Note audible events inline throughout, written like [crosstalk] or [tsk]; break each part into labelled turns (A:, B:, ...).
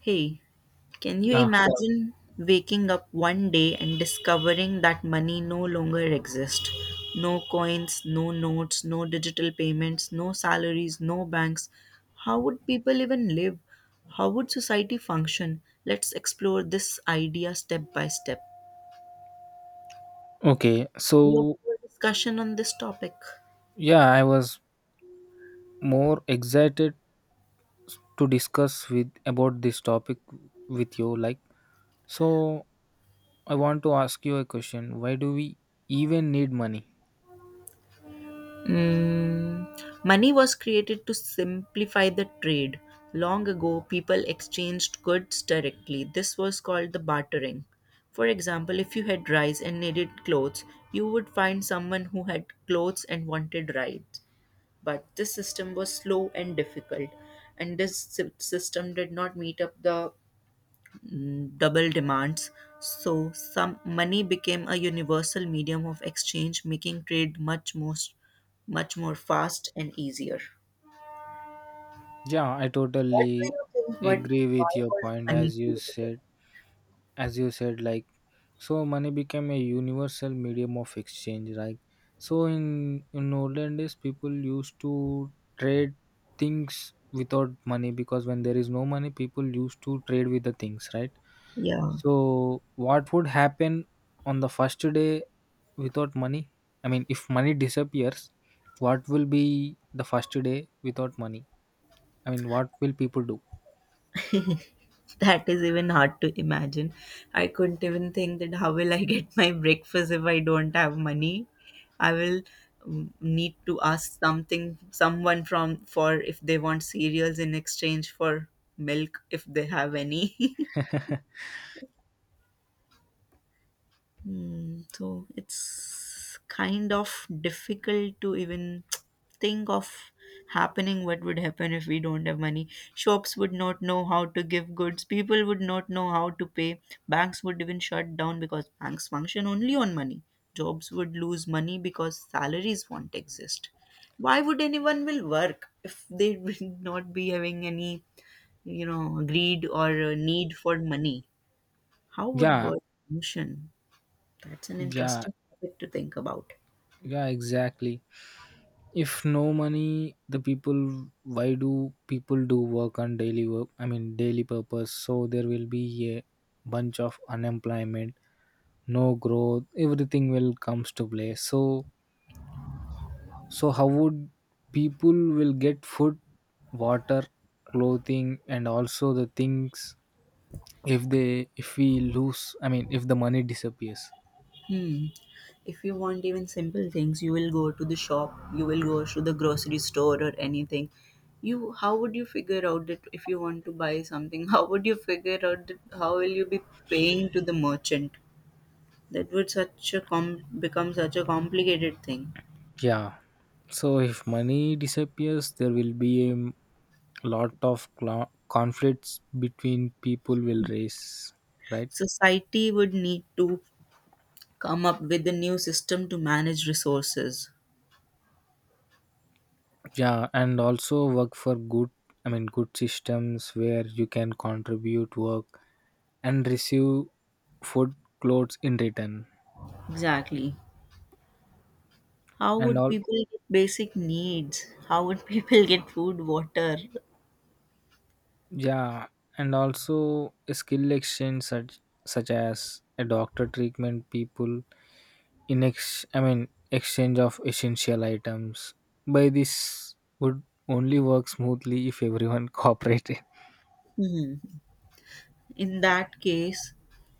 A: Hey, can you
B: Yeah,
A: imagine waking up one day and discovering that money no longer exists? No coins, no notes, no digital payments, no salaries, no banks. How would people even live? How would society function? Let's explore this idea step by step.
B: okay.
A: We have
B: So,
A: a discussion on this topic.
B: yeah, I was more excited to discuss with about this topic with you like so I want to ask you a question. Why do we even need money?
A: Mm, money was created to simplify the trade. Long ago, people exchanged goods directly. This was called the bartering. For example, if you had rice and needed clothes, you would find someone who had clothes and wanted rice. But this system was slow and difficult, and this system did not meet up the double demands, so some money became a universal medium of exchange, making trade much more fast and easier.
B: Yeah, I
A: What do
B: totally
A: you think? What
B: agree
A: Why
B: with your
A: was
B: point
A: money
B: as you
A: created?
B: said as you said like So money became a universal medium of exchange, right? So in olden days, people used to trade things without money because when there is no money, people used to trade with the things, right?
A: Yeah,
B: So what would happen on the first day without money? I mean, if money disappears, what will be the first day without money? I mean, what will people do?
A: that is even hard to imagine. I couldn't even think that how will I get my breakfast if I don't have money. I will need to ask something someone from for if they want cereals in exchange for milk if they have any. [laughs]
B: [laughs]
A: So it's kind of difficult to even [tsk] think of happening what would happen if we don't have money. Shops would not know how to give goods, people would not know how to pay. Banks would even shut down because banks function only on money. Jobs would lose money because salaries won't exist. Why would anyone will work if they [laughs] will not be having any greed or need for money? How would
B: Yeah,
A: work function? That's an
B: yeah,
A: interesting topic to think about.
B: yeah, exactly. If no money the people why do people do work on daily work, I mean daily purpose, so there will be a bunch of unemployment, no growth, everything will comes to play. So so how would people will get food, water, clothing and also the things if we lose, I mean if the money disappears.
A: Hmm. If you want even simple things, you will go to the shop, you will go to the grocery store or anything. You How would you figure out that if you want to buy something, [laughs] how would you figure out that how will you be paying to the merchant? That would become such a complicated thing.
B: Yeah, so if money disappears there will be a lot of conflicts between people will raise, right?
A: Society would need to come up with a new system to manage resources.
B: Yeah, and also work for good, I mean good systems where you can contribute work and receive food, clothes in return
A: Exactly. How
B: and
A: would
B: all.
A: people get basic needs? How would people [laughs] get food, water?
B: Yeah, and also a skill exchange such as a doctor treatment people in ex I mean exchange of essential items by this would only work smoothly if everyone [laughs] cooperated.
A: Hmm. In that case,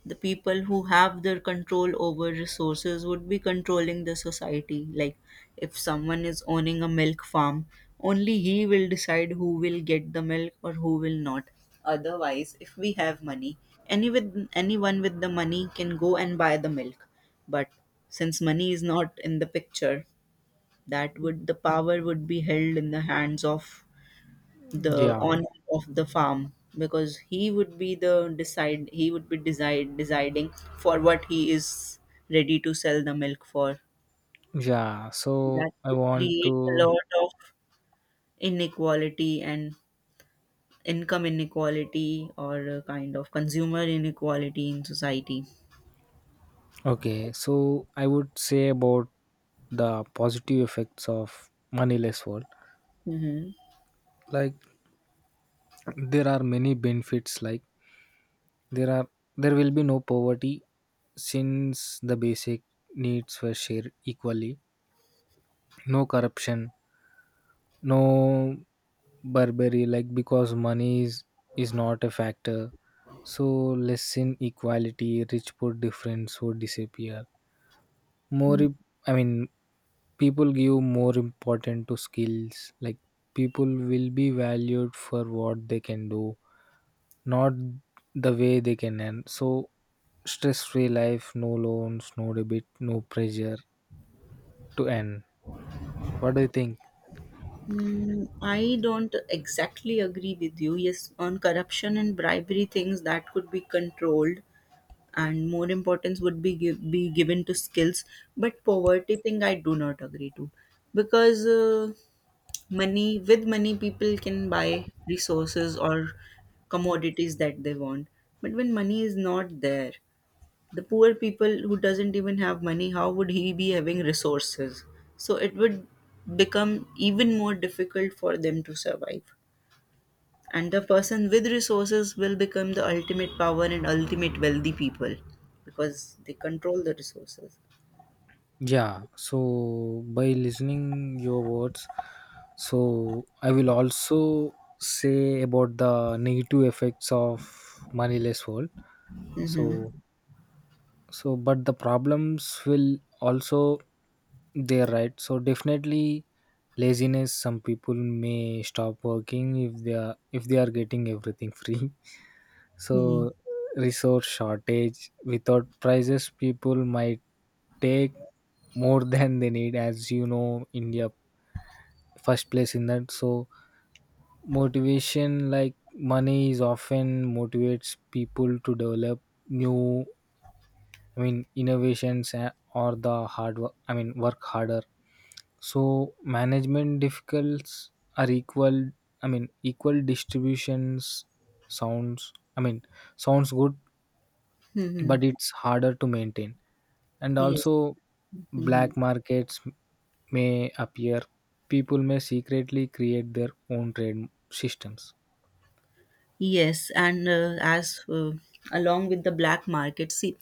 A: the people who have their control over resources would be controlling the society. Like, if someone is owning a milk farm, only he will decide who will get the milk or who will not. Otherwise, if we have money, anyone with the money can go and buy the milk. But since money is not in the picture, that would the power would be held in the hands of the
B: Yeah,
A: owner of the farm because he would be decide deciding for what he is ready to sell the milk for.
B: yeah,
A: That
B: so I
A: would
B: want
A: create a
B: to.
A: lot of inequality and income inequality, or a kind of consumer inequality in society.
B: Okay, so I would say about the positive effects of moneyless world.
A: Hmm.
B: Like there are many benefits. Like there are there will be no poverty since the basic needs were shared equally. No corruption, no Burberry, like because is not a factor, so less inequality, rich poor difference would disappear. More im- I mean people give more important to skills. Like people will be valued for what they can do, not the way they can earn. So stress free life, no loans, no debit, no pressure to earn. What do you think?
A: Mm, I don't exactly agree with you. Yes, on corruption and bribery things that could be controlled, and more importance would be be given to skills, but poverty thing I do not agree to, because money with money people can buy resources or commodities that they want. But when money is not there, the poor people who doesn't even have money, how would he be having resources? So it would become even more difficult for them to survive, and the person with resources will become the ultimate power and ultimate wealthy people, because they control the resources.
B: Yeah, so by listening your words, so I will also say about the negative effects of moneyless world.
A: Mm-hmm.
B: So so but the problems will also there, right? So definitely laziness, some people may stop working if they are getting everything free [laughs]
A: Mm-hmm.
B: so resource shortage, without prices people might take more [laughs] than they need, as you know india first place in that. So motivation, like money is often motivates people to develop new, I mean, innovations or the hard work, I mean, work harder. So management difficulties are equal, I mean, equal distributions sounds, I mean, sounds good, but
A: Mm-hmm.
B: it's harder to maintain. And
A: Yes.
B: also
A: Mm-hmm.
B: black markets may appear. People may secretly create their own trade systems.
A: Yes, and as along with the black market, see,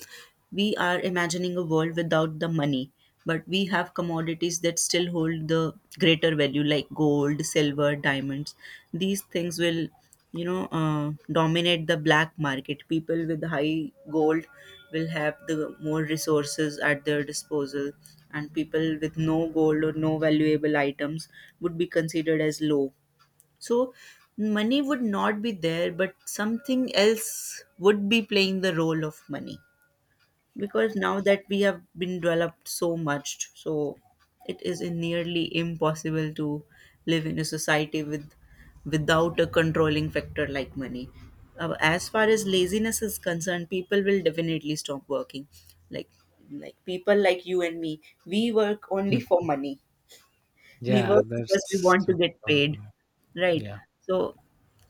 A: we are imagining a world without the money, but we have commodities that still hold the greater value, like gold, silver, diamonds. These things will, dominate the black market. People with high gold will have the more resources at their disposal, and people with no gold or no valuable items would be considered as low. So money would not be there, but something else would be playing the role of money. Because now that we have been developed so much, so it is nearly impossible to live in a society without a controlling factor like money. As far as laziness is concerned, people will definitely stop working. Like like people like you and me, we work only
B: Hmm.
A: for money. We
B: Yeah,
A: work because we
B: that's
A: want to
B: the
A: get paid.
B: problem.
A: Right.
B: Yeah.
A: So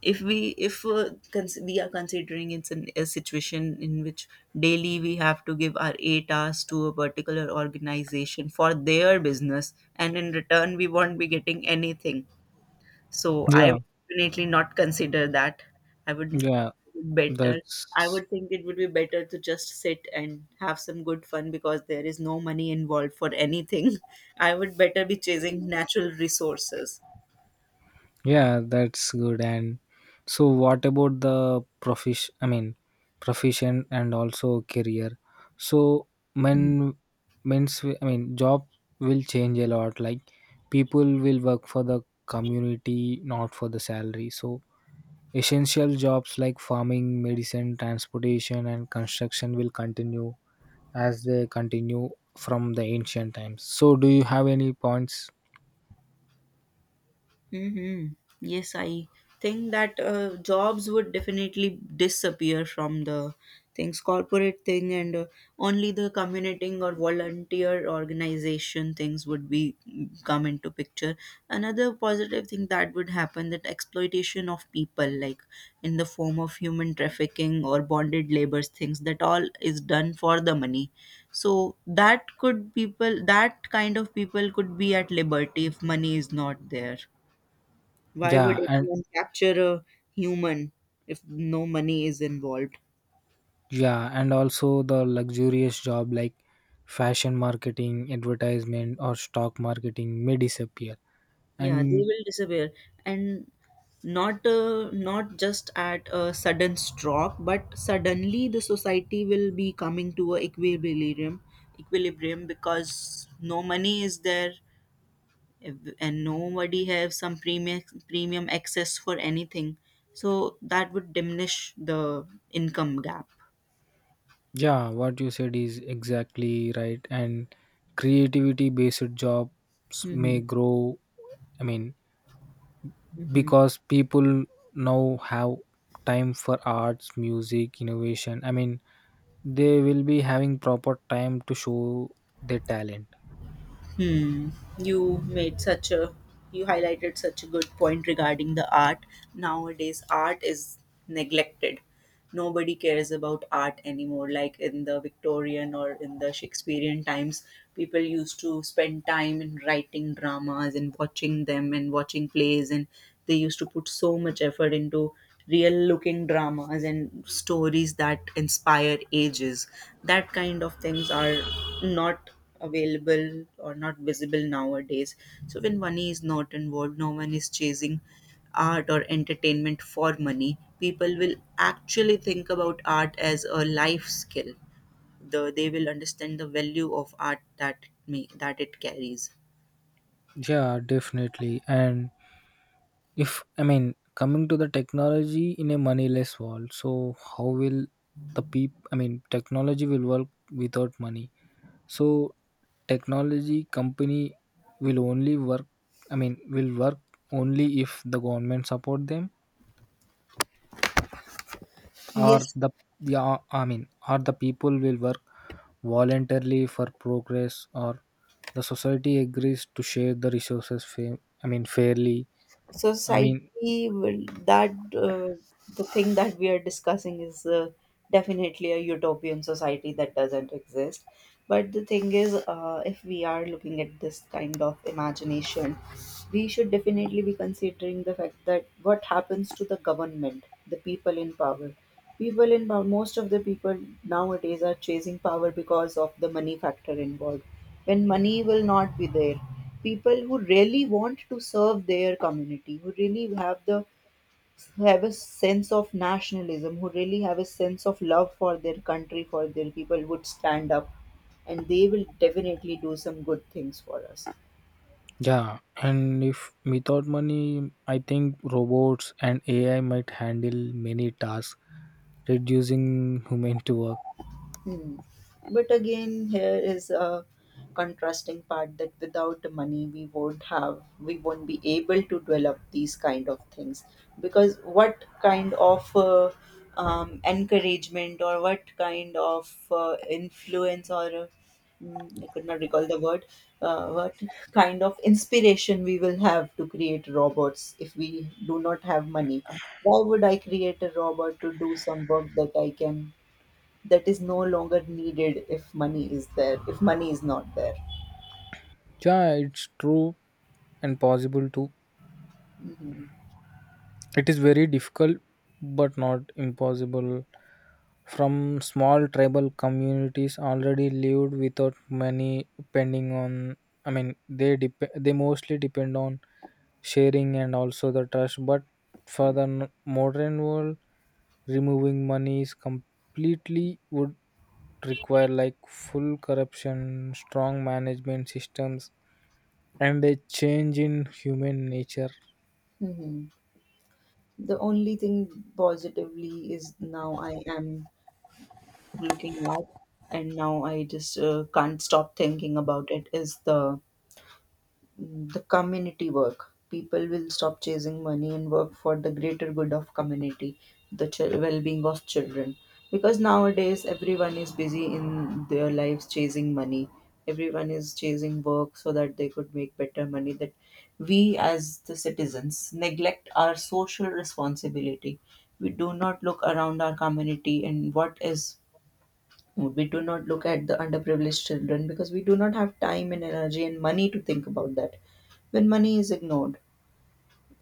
A: if we if cons- we are considering it's a situation in which daily we have to give our 8 hours to a particular organization for their business, and in return we won't be getting anything. So I
B: Yeah,
A: would definitely not consider that. I would
B: yeah,
A: better I
B: that's
A: would think it would be better to just sit and have some good fun because there is no money involved for anything. [laughs] I would better be chasing natural resources.
B: Yeah, that's good. And so, what about the profession? I mean, profession and also career. So, men, I mean, job will change a lot. Like, people will work for the community, not for the salary. So, essential jobs like farming, medicine, transportation, and construction will continue as they continue from the ancient times. So, do you have any points?
A: Mm-hmm. Yes, I think that jobs would definitely disappear from the things, corporate thing, and only the commuting or volunteer organization things would be come into picture. Another positive thing that would happen, that exploitation of people, like in the form of human trafficking or bonded labors, things that all is done for the money. So that could that kind of people could be at liberty if money is not there. Why would
B: Yeah, and
A: anyone capture a human if no money is involved?
B: yeah, and also the luxurious job like fashion marketing, advertisement, or stock marketing may disappear.
A: Yeah, they
B: And
A: will disappear, and not not just at a sudden stroke, but suddenly the society will be coming to a equilibrium, equilibrium because no money is there, and nobody have some premium access for anything, so that would diminish the income gap.
B: yeah, what you said is exactly right. And creativity based jobs may
A: Mm-hmm.
B: grow. I mean, because people now have time for arts, music, innovation. I mean, they will be having proper time to show their talent.
A: Hmm. You made such a you highlighted such a good point regarding the art. Nowadays, art is neglected. Nobody cares about art anymore. Like in the Victorian or in the Shakespearean times, people used to spend time in writing dramas and watching them, and watching plays, and they used to put so much effort into real looking dramas and stories that inspire ages. That kind of things are not available or not visible nowadays. So when money is not involved, no one is chasing art or entertainment for money, people will actually think about art as a life skill. They will understand the value of art that it carries.
B: Yeah, definitely. And if I mean coming to the technology in a moneyless world, so how will the people? I mean, technology will work without money. So technology company will only work. I mean, will work only if the government support them or
A: Yes,
B: the yeah. I mean, or the people will work voluntarily for progress or the society agrees to share the resources. I mean, fairly. I mean,
A: society will that the thing that we are discussing is definitely a utopian society that doesn't exist. But the thing is, if we are looking at this kind of imagination, we should definitely be considering the fact that what happens to the government, the people in power. People in Most of the people nowadays are chasing power because of the money factor involved. When money will not be there, people who really want to serve their community, who really have a sense of nationalism, who really have a sense of love for their country, for their people, would stand up, and they will definitely do some good things for us.
B: yeah, and if without money, I think robots and AI might handle many tasks, reducing human to work.
A: Hmm. But again, here is a contrasting part that without money, we won't be able to develop these kind of things. Because what kind of encouragement or what kind of influence or I could not recall the word. What kind of inspiration we will have to create robots if we do not have money? Why would I create a robot to do some work that I can that is no longer needed if money is there, if money is not there?
B: Yeah, it's true and possible too.
A: Mhm.
B: It is very difficult, but not impossible. From small tribal communities already lived without money, depending on. I mean, they mostly depend on sharing and also the trust, but for the modern world removing money is completely would require like full corruption, strong management systems and a change in human nature.
A: Mhm. The only thing positively is now I am looking at, and now I just can't stop thinking about it, is the community work. People will stop chasing money and work for the greater good of community, the well-being of children. Because nowadays everyone is busy in their lives chasing money. Everyone is chasing work so that they could make better money. That we as the citizens neglect our social responsibility. We do not look around our community, and what is we do not look at the underprivileged children because we do not have time and energy and money to think about that. When money is ignored,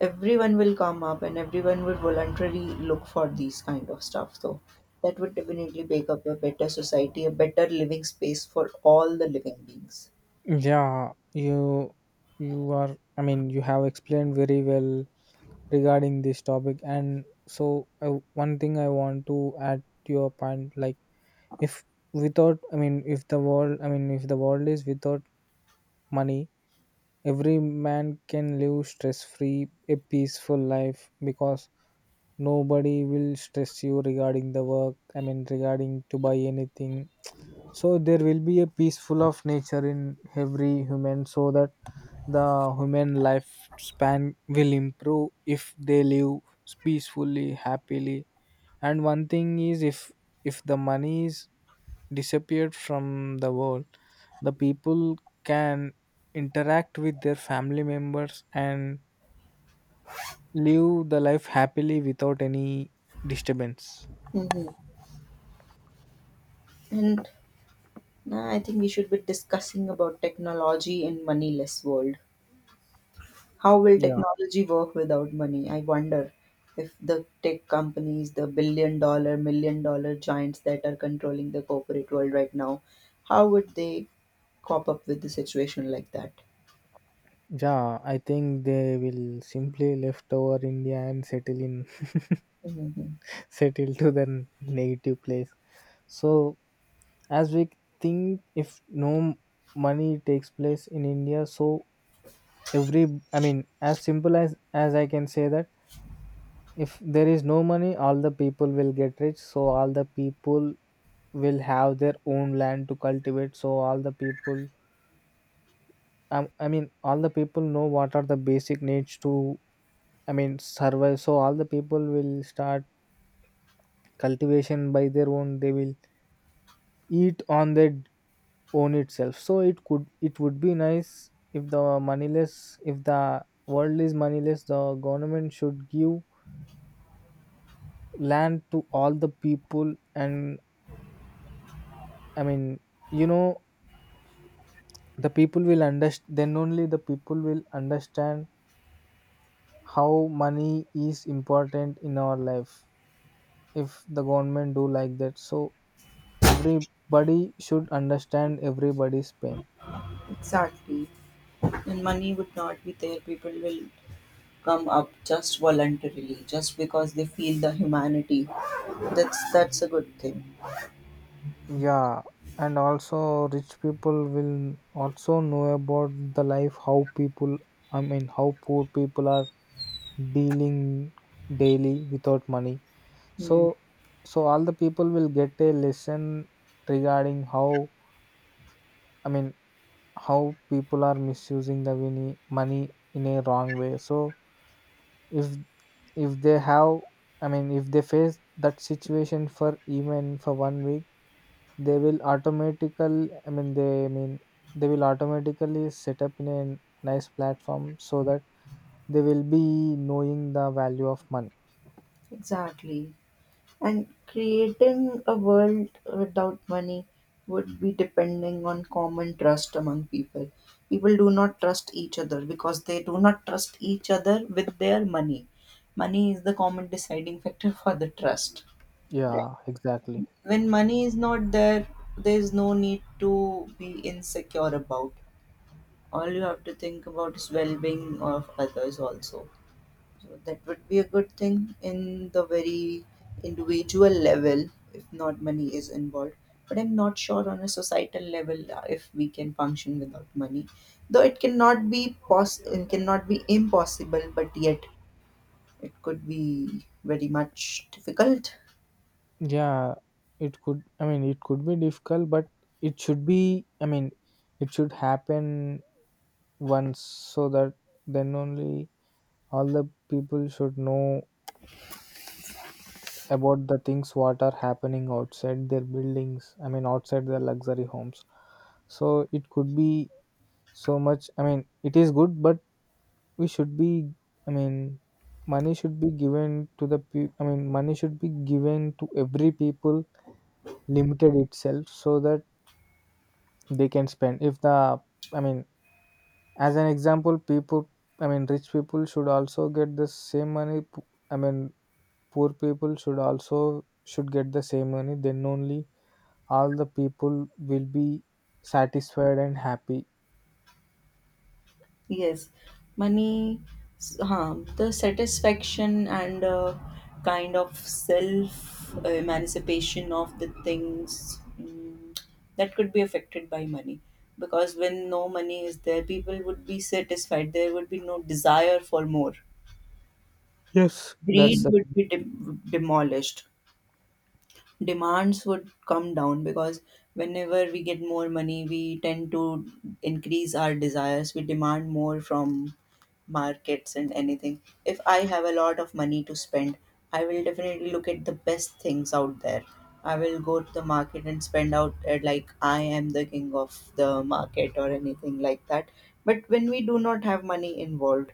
A: everyone will come up and everyone will voluntarily look for these kind of stuff. So that would definitely make up a better society, a better living space for all the living beings.
B: yeah you you are, I mean you have explained very well regarding this topic, and so I, one thing I want to add to your point like if without I mean if the world, I mean if the world is without money, every man can live stress free, a peaceful life because nobody will stress you regarding the work, I mean, regarding to buy anything. So, there will be a peaceful of nature in every human so that the human lifespan will improve if they live peacefully, happily, and one thing is if the money is disappeared from the world, the people can interact with their family members and live the life happily without any disturbance.
A: Hmm. And I think we should be discussing about technology in moneyless world. How will
B: Yeah,
A: technology work without money? I wonder if the tech companies, the billion-dollar, million-dollar giants that are controlling the corporate world right now, how would they cop up with the situation like that?
B: yeah, I think they will simply left over india and settle in [laughs]
A: Mhm.
B: settle to their native place. So as we think if no money takes place in india, so every, I mean as simple as I can say that if there is no money all the people will get rich, so all the people will have their own land to cultivate, so all the people I mean all the people know what are the basic needs to, I mean survive. So all the people will start cultivation by their own, they will eat on their own itself. So it could, it would be nice if the moneyless if the world is moneyless, the government should give land to all the people, and I mean, you know, the people will understand, then only the people will understand how money is important in our life. If the government do like that, so everybody should understand everybody's pain.
A: Exactly. And money would not be there. People will come up just voluntarily, just because they feel the humanity. That's a good thing.
B: Yeah, and also rich people will also know about the life how people, I mean how poor people are dealing daily without money. So
A: Hmm.
B: so all the people will get a lesson regarding how, I mean how people are misusing the money in a wrong way. So if if they have, I mean if they face that situation for even for 1 week, they will automatically, I mean they, I mean they will automatically set up in a nice platform so that they will be knowing the value of money.
A: Exactly. And creating a world without money would be depending on common trust among people. People do not trust each other because they do not trust each other with their money. Money is the common deciding factor [laughs] for the trust. Right.
B: Yeah, exactly.
A: When money is not there, there is no need to be insecure about. All you have to think about is well being of others also. So that would be a good thing in the very individual level if not money is involved. But I'm not sure on a societal level if we can function without money. Though it cannot be it cannot be impossible, but yet it could be very much difficult.
B: Yeah, it could, I mean, it could be difficult, but it should be, I mean, it should happen once so that then only all the people should know about the things what are happening outside their buildings, I mean, outside their luxury homes. So it could be so much, I mean, it is good, but we should be, I mean, money should be given to the people, I mean, money should be given to every people limited itself so that they can spend if the, I mean as an example people, I mean rich people should also get the same money I mean poor people should get the same money, then only all the people will be satisfied and happy.
A: Yes, money, the satisfaction and kind of self emancipation of the things that could be affected by money. Because when no money is there, people would be satisfied. There would be no desire for more.
B: Yes, that's
A: Greed
B: the
A: would be demolished, demands would come down because whenever we get more money, we tend to increase our desires, we demand more from markets, and anything, if I have a lot of money to spend, I will definitely look at the best things out there. I will go to the market and spend out at like I am the king of the market or anything like that. But when we do not have money involved,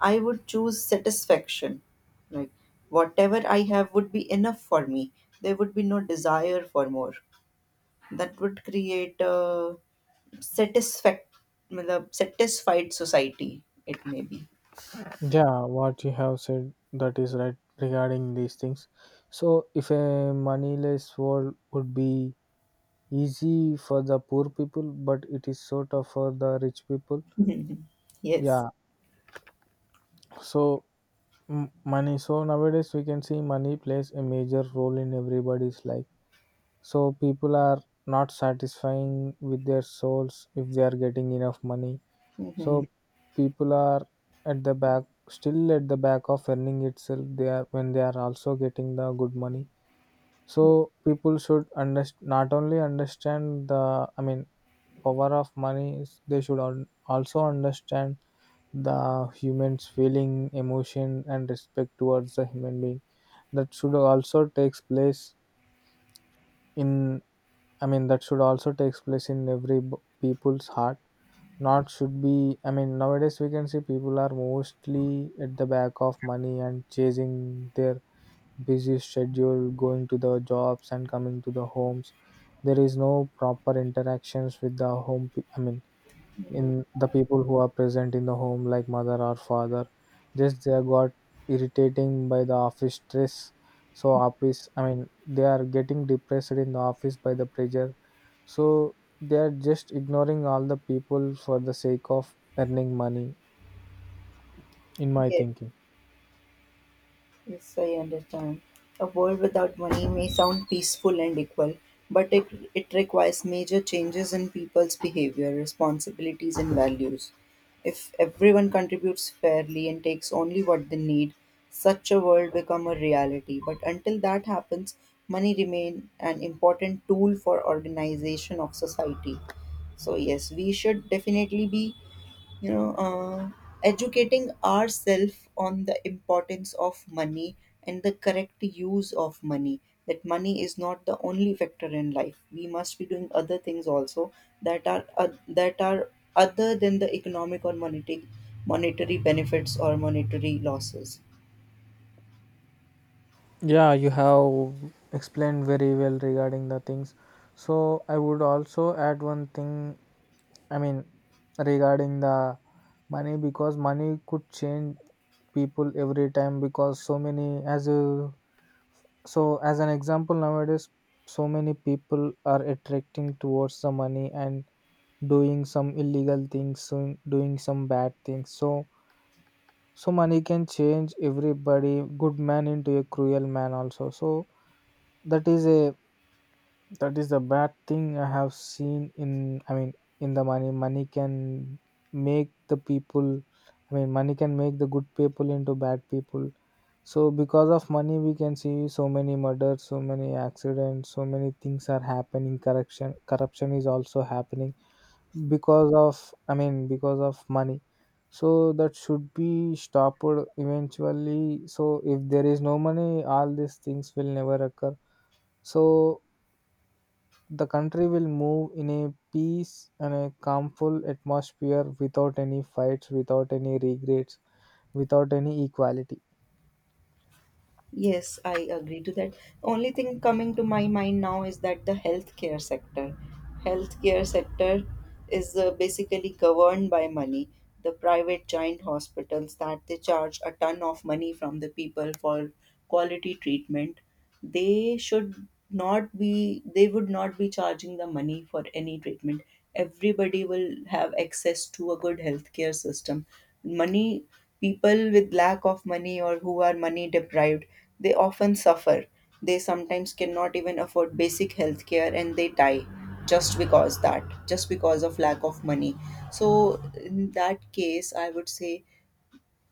A: I would choose satisfaction. Like whatever I have would be enough for me. There would be no desire for more. That would create a satisfact, matlab, satisfied society. It may be.
B: yeah what you have said, that is right regarding these things. So if a moneyless world would be easy for the poor people but it is so tough for the rich people.
A: [laughs] Yes.
B: Yeah, so money. So nowadays we can see money plays a major role in everybody's life. So people are not satisfying with their souls if they are getting enough money.
A: Hmm.
B: So people are at the back, still at the back of earning itself. They are when they are also getting the good money. So people should not only understand the, I mean power of money, they should also understand the human's feeling, emotion, and respect towards the human being. That should also takes place in, I mean that should also takes place in every people's heart. Not should be, I mean nowadays we can see people are mostly at the back of money and chasing their busy schedule, going to the jobs and coming to the homes. There is no proper interactions with the home. I mean, in the people who are present in the home, like mother or father, just they are got irritating by the office stress. So office, I mean, they are getting depressed in the office by the pressure. So they are just ignoring all the people for the sake of earning money. In my
A: Yes.
B: thinking.
A: Yes, I understand. A world without money may sound peaceful and equal, but it requires major changes in people's behavior, responsibilities, and values. If everyone contributes fairly and takes only what they need, such a world become a reality. But until that happens, money remain an important tool for organization of society. So yes, we should definitely be you know uh, educating ourselves on the importance of money and the correct use of money, that money is not the only factor in life. We must be doing other things also that are uh, that are other than the economic or monetary, benefits or monetary losses.
B: Yeah, you have explained very well regarding the things. So I would also add one thing, I mean, regarding the money, because money could change people every time. Because so many as a so as an example, nowadays so many people are attracting towards the money and doing some illegal things, so doing some bad things. So money can change everybody, good man into a cruel man also. So that is a that is the bad thing I have seen in, I mean, in the Money can make the people, money can make the good people into bad people. So because of money we can see so many murders, so many accidents, so many things are happening. Corruption is also happening because of, because of money. So that should be stopped eventually. So if there is no money, all these things will never occur. So the country will move in a peace and a calmful atmosphere, without any fights, without any regrets, without any equality.
A: Yes, I agree to that. Only thing coming to my mind now is that the healthcare sector. Healthcare sector is basically governed by money. The private giant hospitals that they charge a ton of money from the people for quality treatment, they should not be, they would not be charging the money for any treatment. Everybody will have access to a good healthcare system. Money, people with lack of money or who are money deprived, they often suffer. They sometimes cannot even afford basic healthcare and they die, just because that, just because of lack of money. So in that case, I would say,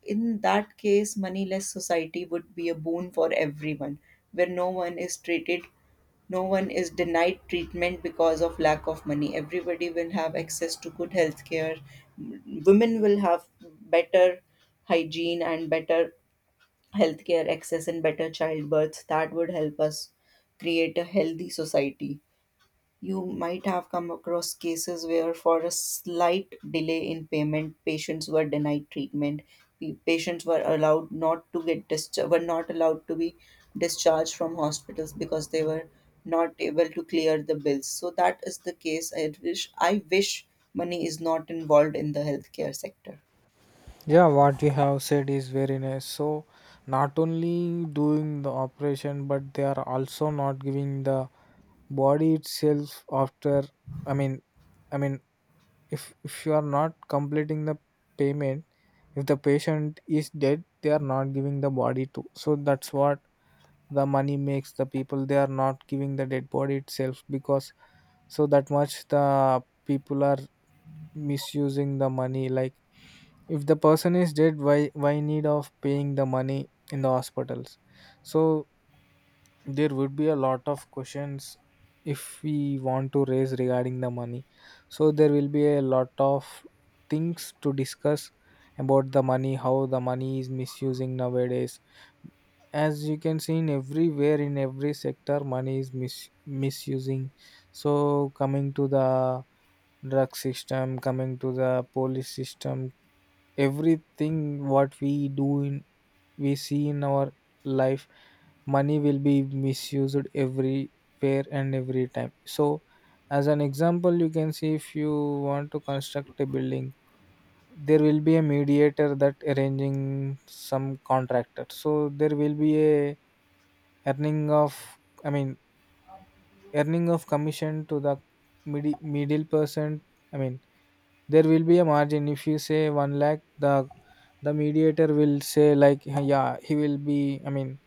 A: in that case, moneyless society would be a boon for everyone, where no one is treated, no one is denied treatment because of lack of money. Everybody will have access to good health care. Women will have better hygiene and better healthcare access and better childbirth. That would help us create a healthy society. You might have come across cases where, for a slight delay in payment, patients were denied treatment. Patients were allowed not to get discharged, were not allowed to be discharged from hospitals because they were not able to clear the bills. So that is the case. I wish money is not involved in the healthcare sector.
B: Yeah, what you have said is very nice. So, not only doing the operation, but they are also not giving the body itself after. I mean, I mean, if you are not completing the payment, if the patient is dead, they are not giving the body too. So that's what the money makes the people, they are not giving the dead body itself. Because so that much the people are misusing the money. Like if the person is dead, why need of paying the money in the hospitals? So there would be a lot of questions, if we want to raise, regarding the money. So there will be a lot of things to discuss about the money, how the money is misusing nowadays. As you can see, in everywhere, in every sector, money is misusing. So coming to the drug system, coming to the police system, everything what we do in, we see in our life, money will be misused everywhere and every time. So as an example, you can see if you want to construct a building, there will be a mediator that arranging some contractor. So there will be a earning of, i mean earning of commission to the middle person. I mean, there will be a margin. If you say 1 lakh, the mediator will say like, yeah, he will be, i mean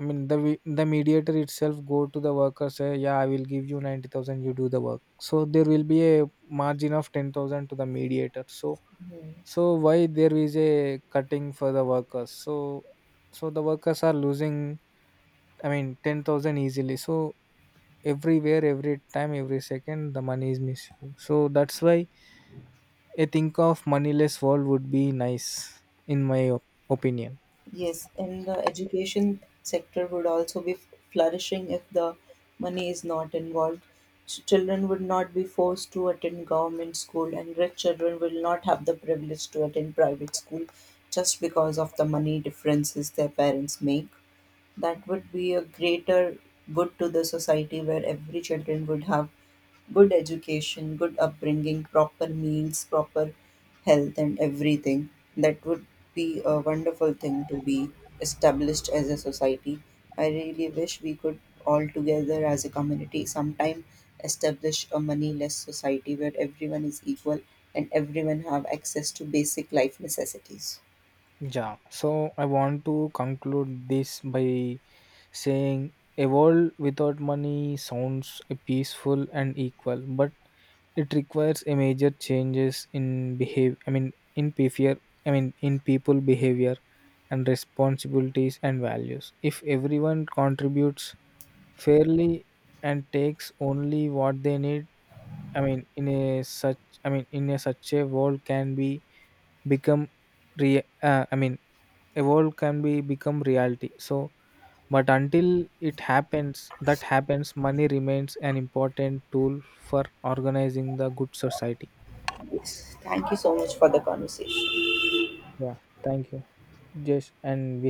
B: the mediator itself go to the worker, say, yeah, I will give you 90,000, you do the work. So there will be a margin of 10,000 to the mediator. So so why there is a cutting for the workers? So so the workers are losing, 10,000 easily. So everywhere, every time, every second, the money is missing. So that's why I think of moneyless world would be nice in my opinion.
A: Yes, and the education sector would also be flourishing if the money is not involved. Children would not be forced to attend government school, and rich children will not have the privilege to attend private school just because of the money differences their parents make. That would be a greater good to the society, where every children would have good education, good upbringing, proper meals, proper health, and everything. That would be a wonderful thing to be established as a society. I really wish we could all together as a community sometime establish a moneyless society where everyone is equal and everyone have access to basic life necessities.
B: Yeah, so I want to conclude this by saying, a world without money sounds peaceful and equal, but it requires a major changes in behave, in behavior, in people behavior, and responsibilities and values. If everyone contributes fairly and takes only what they need, i mean in a such in a such a world can be become re I mean a world can be become reality. So but until it happens that happens, money remains an important tool for organizing the good society.
A: Yes, thank you so much for the conversation.
B: Yeah, thank you, just and we